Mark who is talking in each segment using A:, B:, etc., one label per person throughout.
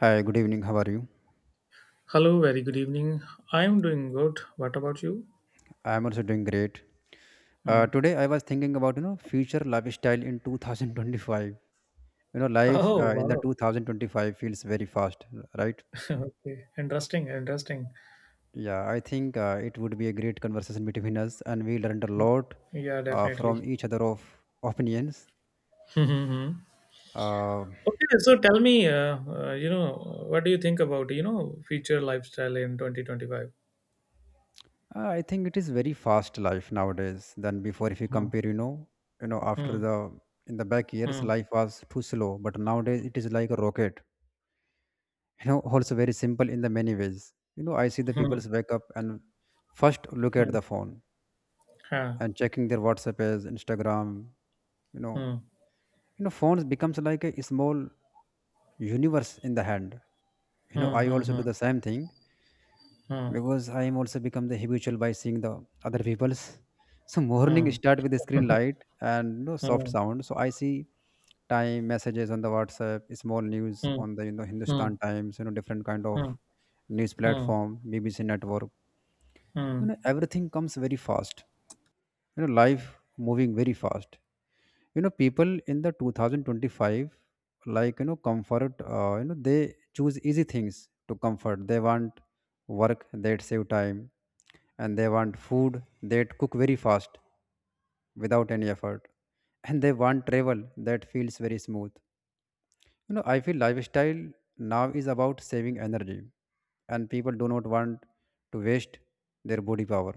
A: Hi, good evening. How are you?
B: Hello, very good evening. I'm doing good. What about you?
A: I am also doing great. Uh,
B: Hmm.
A: today I was thinking about future lifestyle in 2025. Life
B: Oh,
A: in the
B: wow.
A: 2025 feels very fast, right?
B: Okay. Interesting, interesting.
A: Yeah, I think it would be a great conversation between us, and we learned a lot
B: Yeah,
A: from
B: definitely.
A: each other of opinions.
B: Mhm.
A: Uh,
B: Okay, so tell me, what do you think about, future lifestyle in 2025?
A: I think it is very fast life nowadays than before. If you
B: Hmm.
A: compare, after
B: Hmm.
A: the in the back years
B: Hmm.
A: life was too slow, but nowadays it is like a rocket. Also very simple in the many ways. I see the people
B: Hmm.
A: wake up and first look at
B: Hmm.
A: the phone
B: Huh.
A: and checking their WhatsApp as Instagram. you know
B: Hmm.
A: phones becomes like a small universe in the hand. you know
B: Hmm.
A: i also do
B: Hmm.
A: the same thing
B: Hmm.
A: because I am also become the habitual by seeing the other people's. So
B: Hmm.
A: morning
B: Hmm.
A: start with the screen light and
B: Hmm.
A: soft sound, so I see time messages on the WhatsApp, small news on the
B: Hmm.
A: Hindustan Times, different kind
B: Hmm. Hmm.
A: of news
B: Hmm.
A: platform BBC network.
B: Hmm.
A: Everything comes very fast. Life moving very fast. People in the 2025 like comfort. They choose easy things to comfort. They want work that save time, and they want food that cook very fast without any effort and they want travel that feels very smooth. I feel lifestyle now is about saving energy, and people do not want to waste their body power,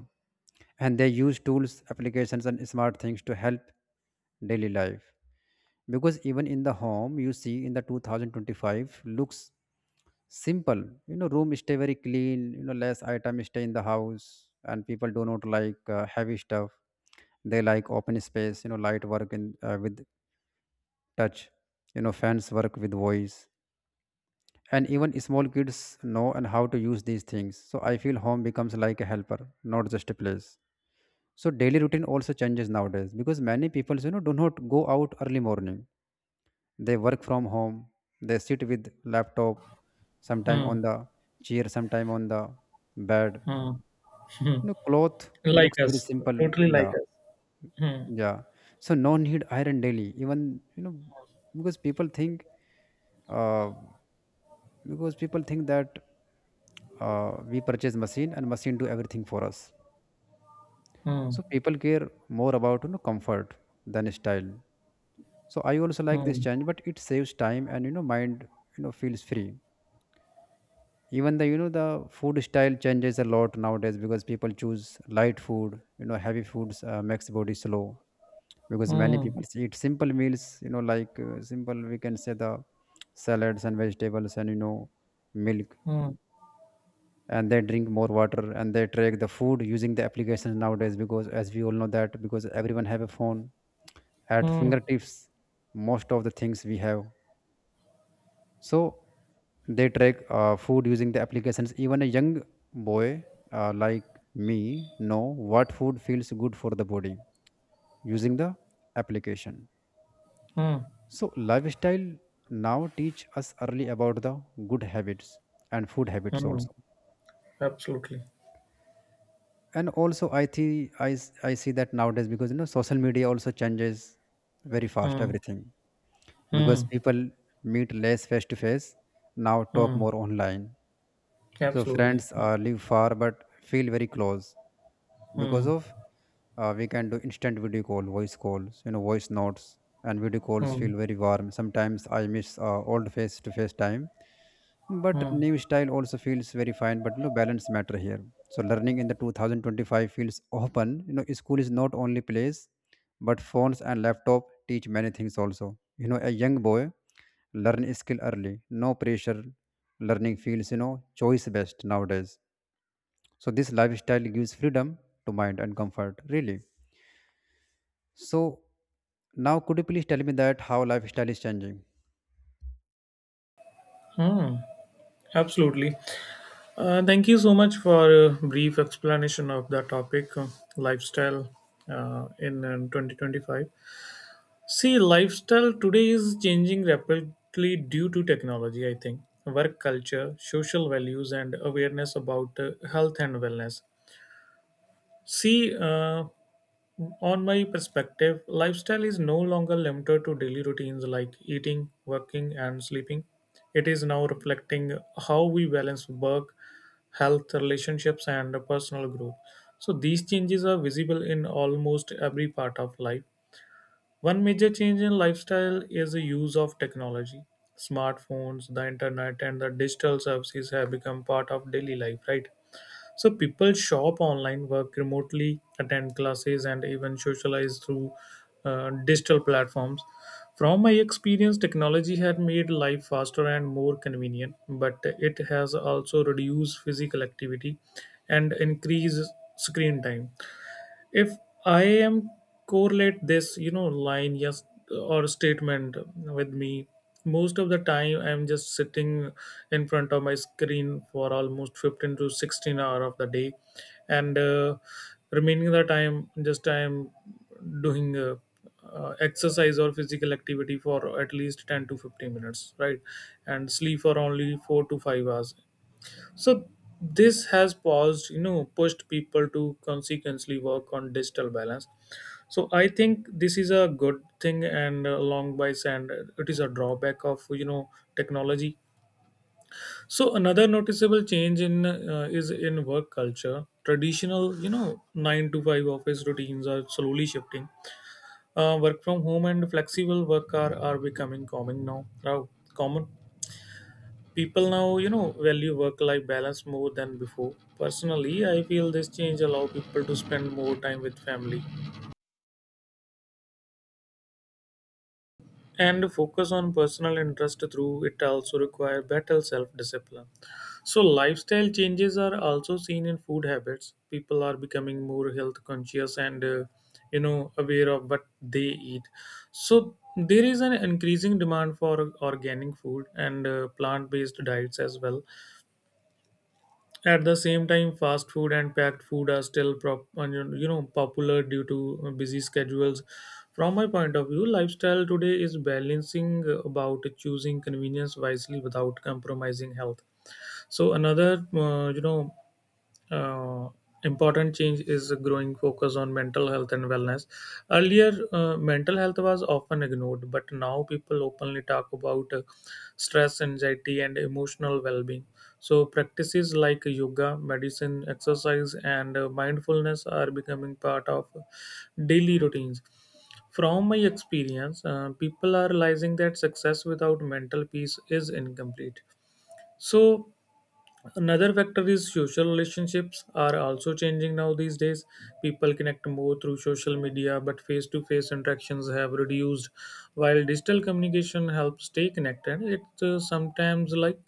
A: and they use tools, applications, and smart things to help daily life because even in the home, you see in the 2025 looks simple. Room stay very clean. Less item stay in the house, and people do not like heavy stuff. They like open space. Light work in, with touch. Fans work with voice, and even small kids know and how to use these things, so I feel home becomes like a helper, not just a place. So daily routine also changes nowadays because many people do not go out early morning. They work from home. They sit with laptop, sometime
B: Hmm.
A: on the chair, sometime on the bed.
B: Hmm.
A: Cloth
B: Like
A: looks very
B: us,
A: simple.
B: totally like
A: Yeah,
B: us. Hmm.
A: yeah, so no need iron daily even, because people think uh, because people think that we purchase machine and machine do everything for us.
B: Mm,
A: So people care more about comfort than style, so I also like this
B: mm,
A: change, but it saves time and mind. Feels free. Even the the food style changes a lot nowadays because people choose light food. Heavy foods makes body slow. Because many
B: mm,
A: people eat simple meals, like simple, we can say the salads and vegetables and milk,
B: mm,
A: and they drink more water, and they track the food using the applications nowadays, because as we all know that because everyone have a phone at
B: mm,
A: fingertips, most of the things we have. So they track food using the applications. Even a young boy like me know what food feels good for the body using the application.
B: mm,
A: So lifestyle now teach us early about the good habits and food habits
B: mm.
A: also.
B: Absolutely.
A: And also I think I see that nowadays because social media also changes very fast
B: Mm,
A: everything, because
B: mm,
A: people meet less face to face, now talk
B: mm.
A: more online. So
B: Absolutely.
A: friends
B: Mm,
A: live far but feel very close because
B: mm,
A: of, we can do instant video call, voice calls, voice notes, and video calls
B: mm,
A: feel very warm. Sometimes I miss old face to face time, but
B: mm,
A: new style also feels very fine, but no balance matter here. So learning in the 2025 feels open. You know, school is not only place, but phones and laptop teach many things also. You know, a young boy learn skill early, no pressure. Learning feels choice based nowadays. So this lifestyle gives freedom to mind and comfort, really. So now, could you please tell me that how lifestyle is changing?
B: mm. Absolutely. Thank you so much for a brief explanation of the topic, lifestyle in 2025. See, lifestyle today is changing rapidly due to technology, I think, work culture, social values, and awareness about health and wellness. See, on my perspective, lifestyle is no longer limited to daily routines like eating, working, and sleeping. It is now reflecting how we balance work, health, relationships, and personal growth. So, these changes are visible in almost every part of life. One major change in lifestyle is the use of technology. Smartphones, the internet, and the digital services have become part of daily life, right? So people shop online, work remotely, attend classes, and even socialize through digital platforms. From my experience, technology had made life faster and more convenient, but it has also reduced physical activity and increased screen time. If I am correlate this, you know, line, yes or statement with me, most of the time I'm just sitting in front of my screen for almost 15 to 16 hour of the day, and remaining the time just I'm doing exercise or physical activity for at least 10 to 15 minutes, right, and sleep for only 4 to 5 hours. So this has pushed people to consequently work on digital balance. So I think this is a good thing, and along by, and it is a drawback of technology. So another noticeable change in is in work culture. Traditional, 9 to 5 office routines are slowly shifting. Work from home and flexible work are becoming common now. Now common, people now value work life balance more than before. Personally, I feel this change allow people to spend more time with family and focus on personal interest, through it also require better self discipline. So lifestyle changes are also seen in food habits. People are becoming more health conscious and aware of what they eat. So there is an increasing demand for organic food and plant based diets as well. At the same time, fast food and packed food are still popular due to busy schedules. From my point of view, lifestyle today is balancing about choosing convenience wisely without compromising health. So another uh, important change is a growing focus on mental health and wellness. Earlier, mental health was often ignored, but now people openly talk about stress, anxiety, and emotional well being. So, practices like yoga, medicine, exercise, and mindfulness are becoming part of daily routines. From my experience, people are realizing that success without mental peace is incomplete. So, another factor is social relationships are also changing now these days. People connect more through social media, but face to face interactions have reduced. While digital communication helps stay connected, it sometimes like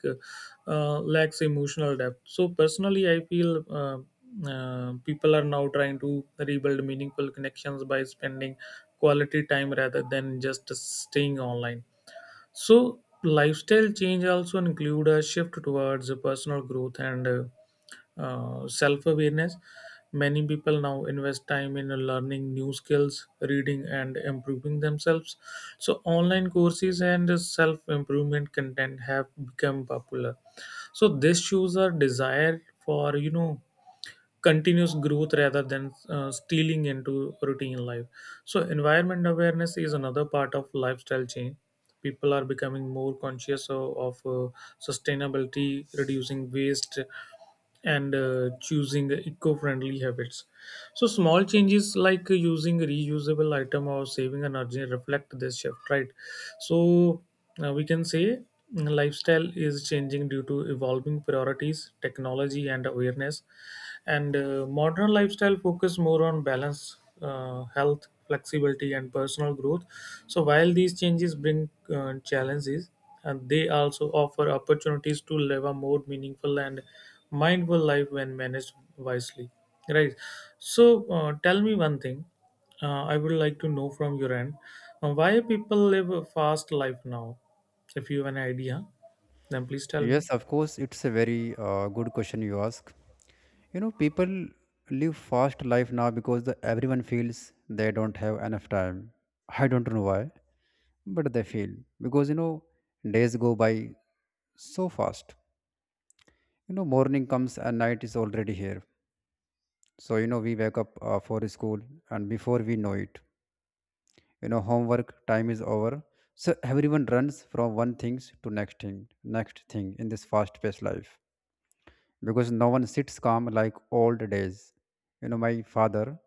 B: lacks emotional depth. So personally, I feel, people are now trying to rebuild meaningful connections by spending quality time rather than just staying online. So lifestyle change also include a shift towards personal growth and self-awareness. Many people now invest time in learning new skills, reading and improving themselves. So online courses and self-improvement content have become popular. So this shows a desire for continuous growth rather than stealing into routine life. So, environment awareness is another part of lifestyle change. People are becoming more conscious of sustainability, reducing waste, and choosing eco-friendly habits. So, small changes like using reusable item or saving energy reflect this shift, right? So, we can say lifestyle is changing due to evolving priorities, technology, and awareness, and modern lifestyle focus more on balance, health, flexibility, and personal growth. So while these changes bring challenges, and they also offer opportunities to live a more meaningful and mindful life when managed wisely. Right. So tell me one thing. I would like to know from your end why people live a fast life now. If you have an idea, then please tell me.
A: Yes, of course, it's a very good question you ask. You know, people live fast life now because everyone feels they don't have enough time. I don't know why, but they feel because days go by so fast. You know, morning comes and night is already here. So we wake up for school, and before we know it, homework time is over. So everyone runs from one things to next thing in this fast-paced life because no one sits calm like old days. You know, my father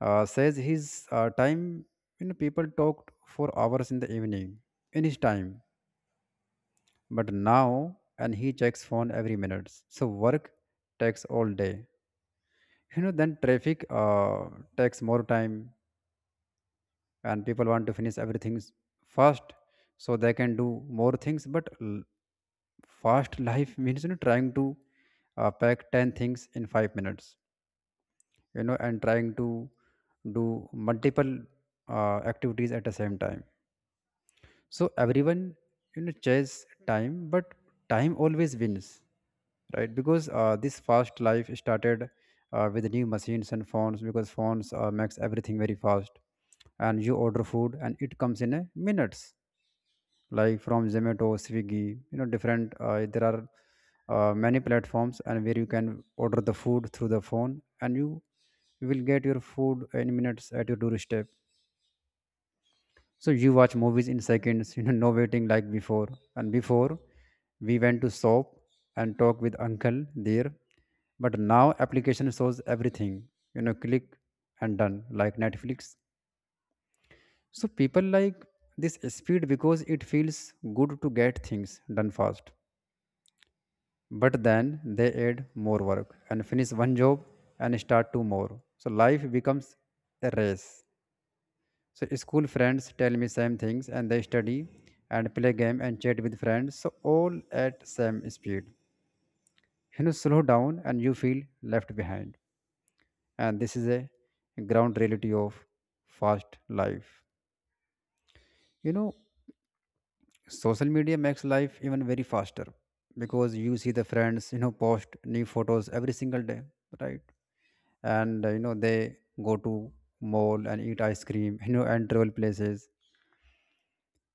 A: says his time, you know, people talked for hours in the evening, in his time, but now, and he checks phone every minute. So work takes all day. You know, then traffic takes more time, and people want to finish everything fast so they can do more things. But fast life means trying to pack 10 things in 5 minutes, and trying to do multiple activities at the same time. So everyone chase time, but time always wins, right? Because this fast life started with new machines and phones because phones makes everything very fast, and you order food and it comes in a minutes like from Zomato, Swiggy, different. There are many platforms and where you can order the food through the phone, and you will get your food in minutes at your doorstep. So you watch movies in seconds, no waiting like before. And before, we went to shop and talk with uncle there, but now application shows everything, click and done like Netflix. So people like this speed because it feels good to get things done fast. But then they add more work and finish one job and start two more, so life becomes a race. So school friends tell me same things, and they study and play game and chat with friends, so all at same speed. Slow down and you feel left behind, and this is a ground reality of fast life. you know social media makes life even very faster, because you see the friends post new photos every single day, right? And they go to mall and eat ice cream and travel places.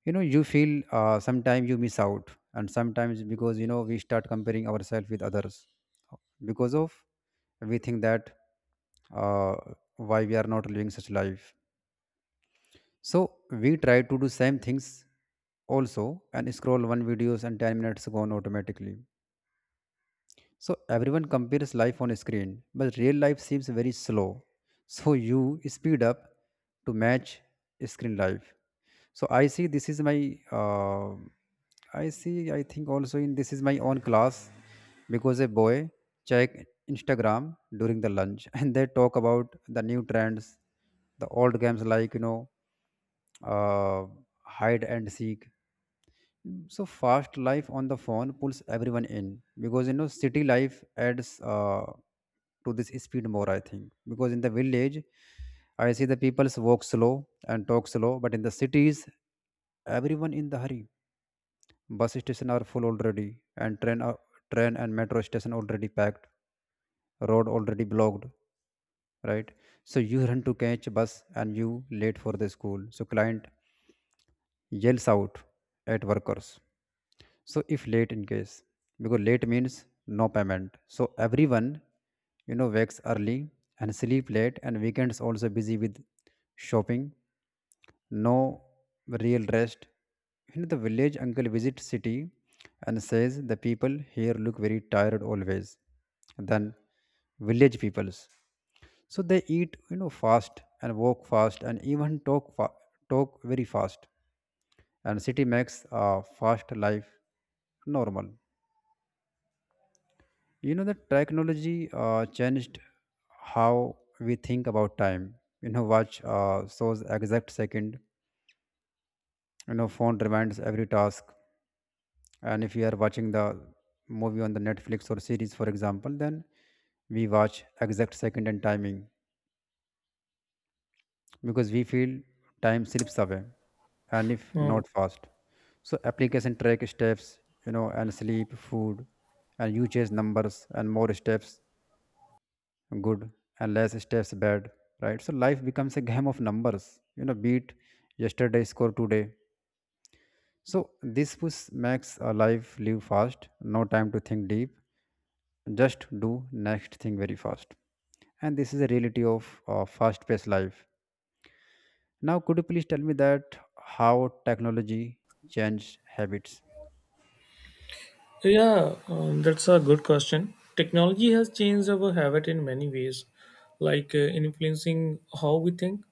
A: You feel sometimes you miss out, and sometimes because we start comparing ourselves with others, because of we think that uh, why we are not living such life, so we try to do same things also, and scroll one videos and 10 minutes gone automatically. So everyone compares life on screen, but real life seems very slow. So you speed up to match screen life. So I think also in this is my own class because a boy check Instagram during the lunch and they talk about the new trends, the old games like, uh, hide and seek. Mm. So fast life on the phone pulls everyone in because city life adds to this speed more. I think because in the village, I see the people walk slow and talk slow, but in the cities, everyone in the hurry. Bus station are full already, and train and metro station already packed, road already blocked, right? So you run to catch bus and you late for the school. So client yells out at workers so if late in case, because late means no payment. So everyone wakes early and sleep late, and weekends also busy with shopping, no real rest. You know the village uncle visits city and says the people here look very tired always than village peoples. So they eat, fast, and walk fast, and even talk very fast. And city makes fast life normal. You know the technology changed how we think about time. You know watch shows exact second, phone reminds every task. And if you are watching the movie on the Netflix or series, for example, then we watch exact second and timing, because we feel time slips away and if
B: Hmm.
A: not fast. So application track steps, and sleep, food, and you chase numbers, and more steps good and less steps bad, right? So life becomes a game of numbers, beat yesterday score today. So this push makes a life live fast, no time to think deep, just do next thing very fast. And this is a reality of fast paced life. Now could you please tell me that how technology changed habits?
B: Yeah, that's a good question. Technology has changed our habit in many ways, like influencing how we think,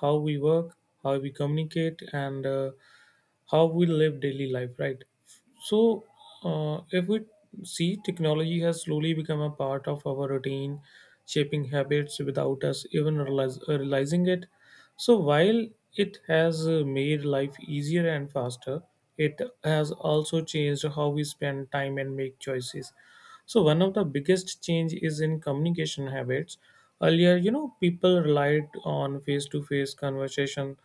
B: how we work, how we communicate, and how we live daily life, right? So, if we see, technology has slowly become a part of our routine, shaping habits without us even realizing it. So, while it has made life easier and faster, it has also changed how we spend time and make choices. So one of the biggest change is in communication habits. Earlier, people relied on face-to-face conversation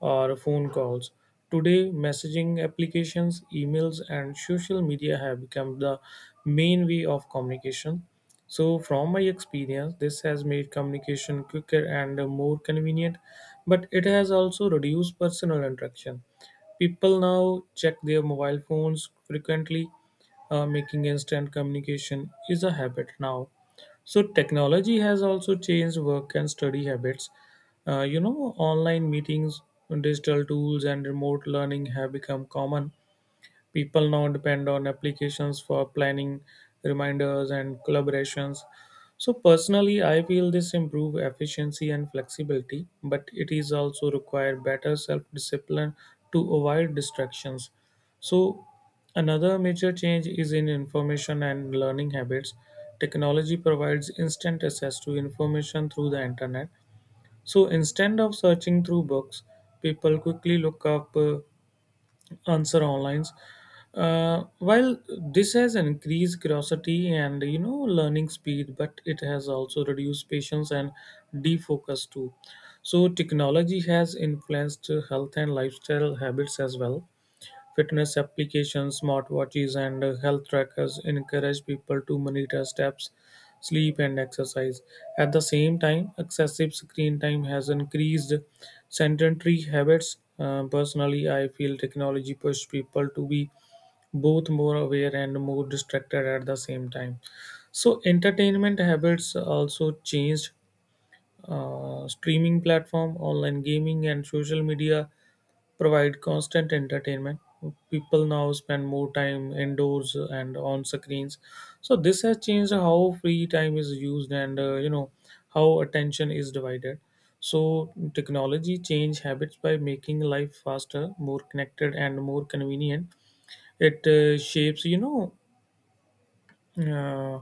B: or phone calls. Today, messaging applications, emails, and social media have become the main way of communication. So, from my experience, this has made communication quicker and more convenient, but it has also reduced personal interaction. People now check their mobile phones frequently, making instant communication is a habit now. So technology has also changed work and study habits. Online meetings, digital tools, and remote learning have become common. People now depend on applications for planning, reminders, and collaborations. So personally, I feel this improve efficiency and flexibility, but it is also required better self-discipline to avoid distractions. So another major change is in information and learning habits. Technology provides instant access to information through the internet. So instead of searching through books, people quickly look up answer online. While this has increased curiosity and learning speed, but it has also reduced patience and defocus too. So technology has influenced health and lifestyle habits as well. Fitness applications, smartwatches, and health trackers encourage people to monitor steps, sleep, and exercise. At the same time, excessive screen time has increased sedentary habits. Personally, I feel technology pushed people to be both more aware and more distracted at the same time. So, entertainment habits also changed. Streaming platform, online gaming, and social media provide constant entertainment. People now spend more time indoors and on screens, so this has changed how free time is used, and how attention is divided. So technology change habits by making life faster, more connected, and more convenient. It shapes uh,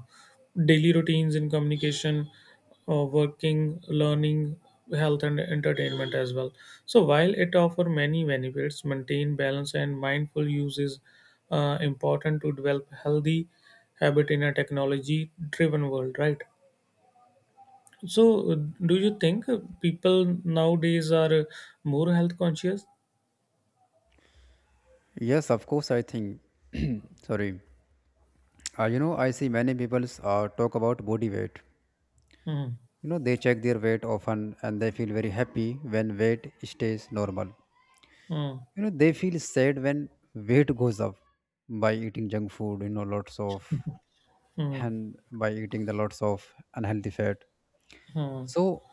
B: daily routines in communication, working, learning, health, and entertainment as well. So while it offers many benefits, maintain balance and mindful use is important to develop healthy habit in a technology-driven world, right? So, do you think people nowadays are more health conscious?
A: Yes, of course, I think. Sorry. I see many people talk about body weight.
B: Hmm,
A: You know they check their weight often and they feel very happy when weight stays normal.
B: hmm,
A: You know they feel sad when weight goes up by eating junk food, lots of.
B: hmm,
A: And by eating the lots of unhealthy fat.
B: hmm,
A: So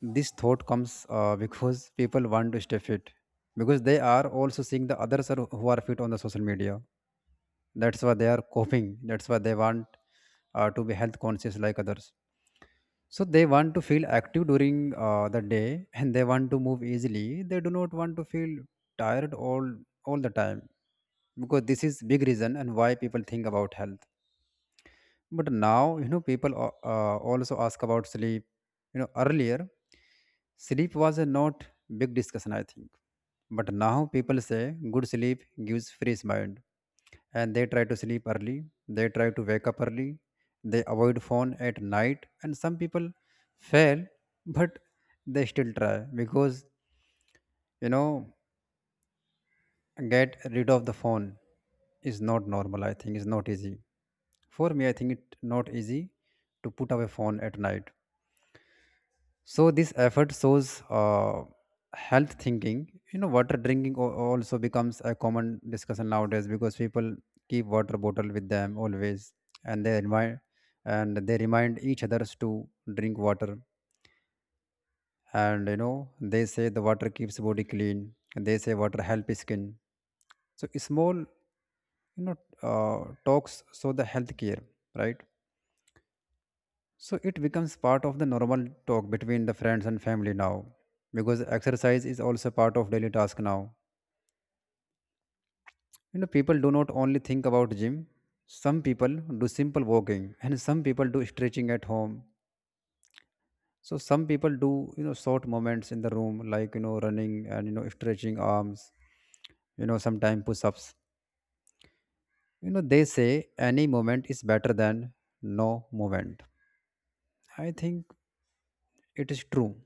A: this thought comes because people want to stay fit, because they are also seeing the others are, who are fit on the social media. That's why they are coping, that's why they want to be health conscious like others. So they want to feel active during the day, and they want to move easily. They do not want to feel tired all the time, because this is big reason and why people think about health. But now people also ask about sleep. You know earlier sleep was a not big discussion, I think. But now people say good sleep gives fresh mind, and they try to sleep early, they try to wake up early, they avoid phone at night, and some people fail, but they still try because, you know get rid of the phone is not normal. I think is not easy. For me, I think it's not easy to put away phone at night. So this effort shows health thinking. You know water drinking also becomes a common discussion nowadays, because people keep water bottle with them always, and they remind, and they remind each others to drink water. And they say the water keeps body clean, and they say water help skin. So small, talks show the health care, right? So it becomes part of the normal talk between the friends and family now, because exercise is also part of daily task now. You know, people do not only think about gym. Some people do simple walking, and some people do stretching at home. So some people do, short moments in the room, like, running and, stretching arms. You know, sometimes push-ups. You know, they say any moment is better than no movement. I think it is true,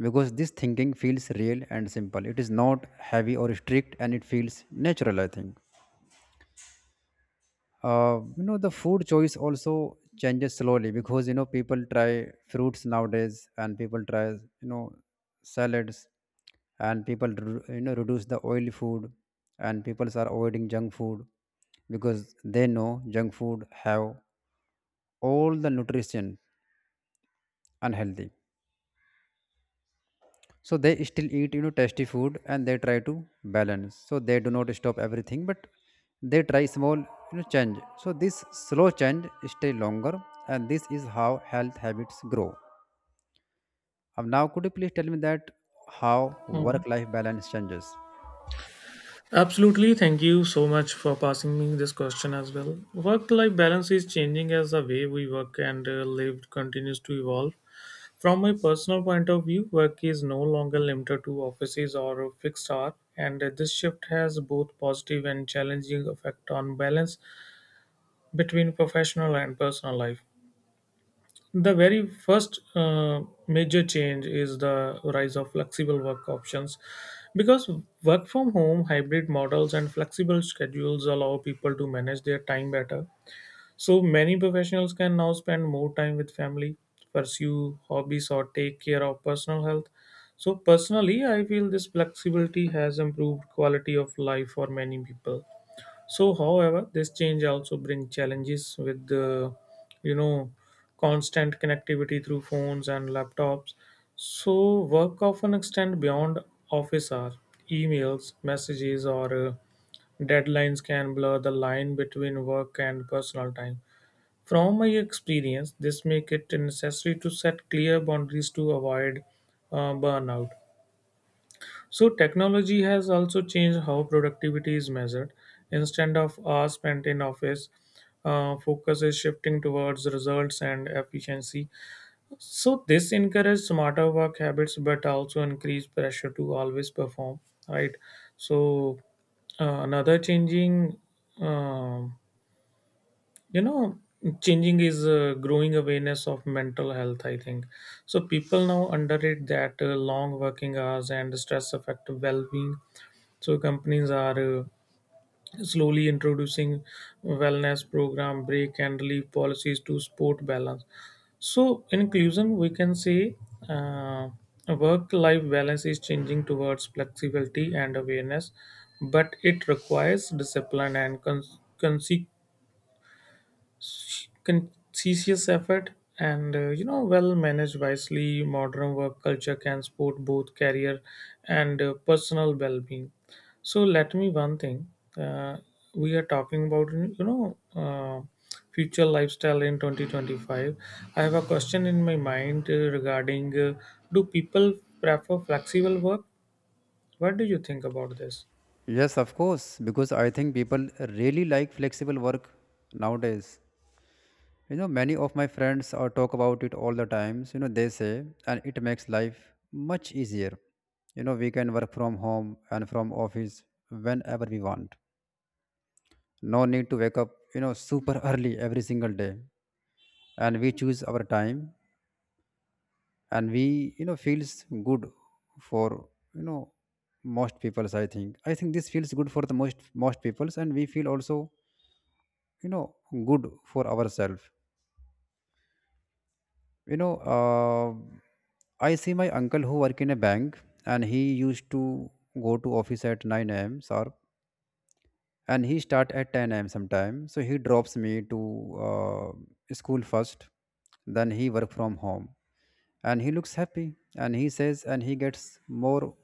A: because this thinking feels real and simple, it is not heavy or strict, and it feels natural, I think. The food choice also changes slowly, because people try fruits nowadays, and people try, salads, and reduce the oily food, and people are avoiding junk food, because they know junk food have all the nutrition unhealthy. So they still eat, tasty food, and they try to balance. So they do not stop everything, but they try small, change. So this slow change stay longer, and this is how health habits grow. Now could you please tell me that how
B: hmm.
A: work life balance changes?
B: Absolutely. Thank you so much for passing me this question as well. Work life balance is changing as the way we work and live continues to evolve. From my personal point of view, work is no longer limited to offices or a fixed hour, and this shift has both positive and challenging effect on balance between professional and personal life. The very first major change is the rise of flexible work options, because work from home, hybrid models, and flexible schedules allow people to manage their time better. So many professionals can now spend more time with family, pursue hobbies, or take care of personal health. So personally, I feel this flexibility has improved quality of life for many people. So, however, this change also brings challenges with the, you know, constant connectivity through phones and laptops. So, work often extend beyond office hours. Emails, messages, or deadlines can blur the line between work and personal time. From my experience, this make it necessary to set clear boundaries to avoid burnout. So technology has also changed how productivity is measured. Instead of hours spent in office, focus is shifting towards results and efficiency. So this encourages smarter work habits, but also increase pressure to always perform. Right. So another um you know, changing is growing awareness of mental health. I think so. People now underrate that long working hours and stress affect well-being, so companies are slowly introducing wellness program, break and leave policies to sport balance. So in conclusion, we can say uh, work-life balance is changing towards flexibility and awareness, but it requires discipline and con- consequence conscientious effort, and well managed wisely modern work culture can support both career and personal well-being. So let me one thing, uh, we are talking about future lifestyle in 2025. I have a question in my mind regarding, do people prefer flexible work? What do you think about this?
A: Yes, of course, because I think people really like flexible work nowadays. You know, many of my friends talk about it all the times. You know, they say, and it makes life much easier. You know, we can work from home and from office whenever we want. No need to wake up, you know, super early every single day. And we choose our time, and we, you know, feels good for, you know, most peoples, I think. I think this feels good for the most peoples, and we feel also, you know, good for ourselves. You know, I see my uncle who work in a bank, and he used to go to office at 9 a.m. sharp, and he start at 10 a.m. sometime. So he drops me to school first, then he work from home, and he looks happy, and he says, and he gets more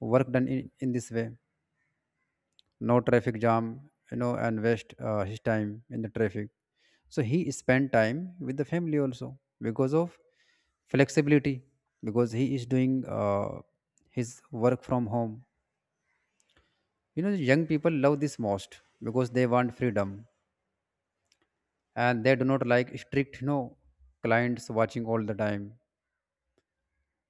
A: work done in this way, no traffic jam, you know, and waste his time in the traffic. So he spent time with the family also because of flexibility, because he is doing his work from home. You know, the young people love this most, because they want freedom, and they do not like strict, you know, clients watching all the time.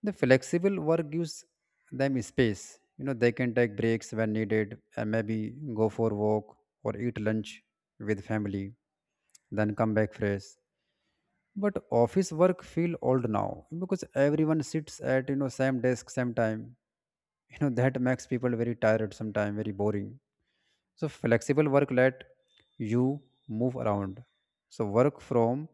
A: The flexible work gives them space. You know, they can take breaks when needed, and maybe go for walk or eat lunch with family, then come back fresh. But office work feel old now, because everyone sits at, you know, same desk same time. You know that makes people very tired sometimes, very boring. So flexible work let you move around. So work from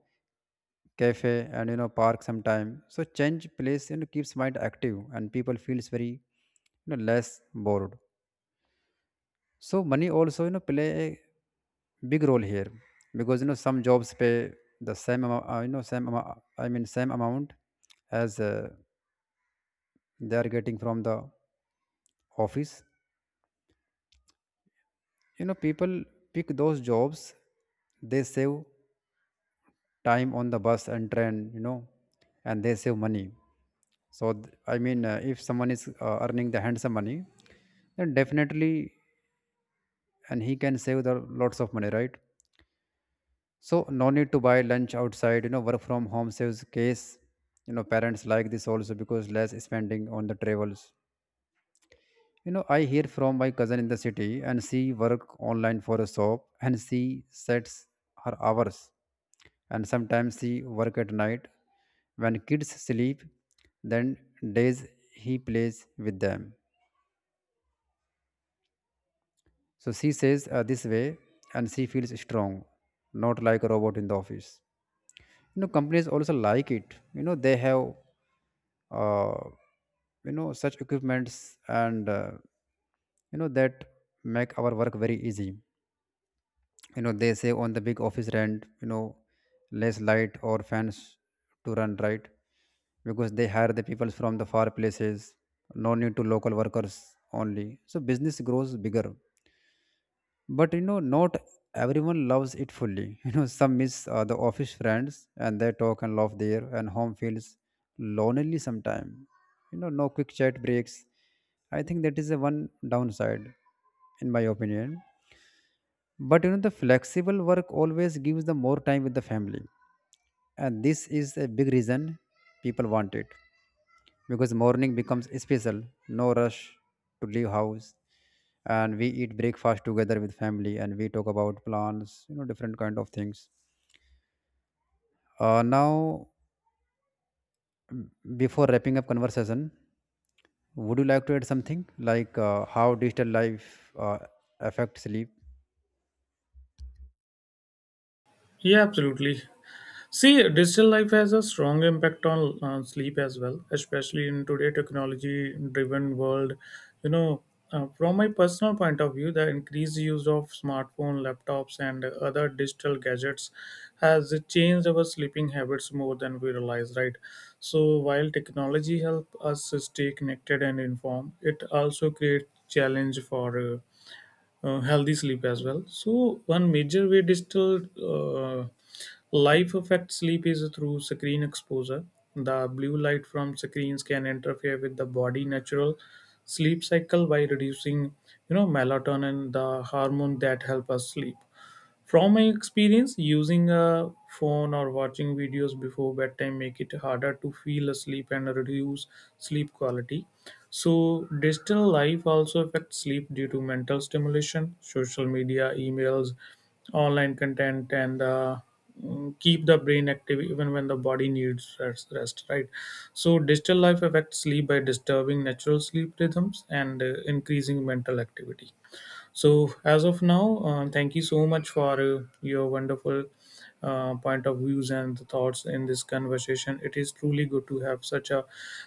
A: cafe and, you know, park sometime, so change place, keeps mind active, and people feels very, you know, less bored. So money also, you know, play a big role here, because, you know, some jobs pay the same amount, same amount as they are getting from the office. You know, people pick those jobs, they save time on the bus and train, you know, and they save money. So if someone is earning the handsome money, then definitely, and he can save the lots of money, right? So no need to buy lunch outside. You know, work from home saves case. You know, parents like this also, because less spending on the travels. You know, I hear from my cousin in the city, and she work online for a shop, and she sets her hours, and sometimes she work at night when kids sleep, then days he plays with them. So she says this way, and she feels strong, not like a robot in the office. You know, companies also like it. You know, they have, uh, you know, such equipments, and you know, that make our work very easy. You know, they say on the big office rent, you know, less light or fans to run, right, because they hire the people from the far places. No need to local workers only. So business grows bigger, but you know, not everyone loves it fully you know, some miss the office friends, and they talk and laugh there, and home feels lonely sometime. You know, no quick chat breaks. I think that is the one downside, in my opinion. But you know, the flexible work always gives the more time with the family, and this is a big reason people want it, because morning becomes special, no rush to leave house, and we eat breakfast together with family, and we talk about plans, you know, different kind of things. Now, before wrapping up conversation, would you like to add something like how digital life affects sleep?
B: Yeah, absolutely. See, digital life has a strong impact on sleep as well, especially in today technology-driven world. You know, from my personal point of view, the increased use of smartphone, laptops, and other digital gadgets has changed our sleeping habits more than we realize, right? So, while technology help us stay connected and informed, it also creates challenge for healthy sleep as well. So one major way digital life affects sleep is through screen exposure. The blue light from screens can interfere with the body natural sleep cycle by reducing, melatonin, the hormone that help us sleep. From my experience, using a phone or watching videos before bedtime make it harder to feel asleep and reduce sleep quality. So, digital life also affects sleep due to mental stimulation, social media, emails, online content, and keep the brain active even when the body needs rest, right. So digital life affects sleep by disturbing natural sleep rhythms and increasing mental activity. So, as of now, thank you so much for your wonderful point of views and thoughts in this conversation. It is truly good to have such a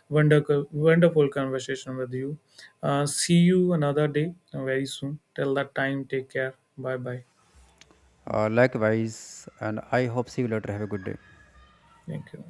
B: wonderful, wonderful conversation with you. See you another day very soon. Till that time, take care. Bye bye.
A: Likewise, and I hope see you later. Have a good day.
B: Thank you.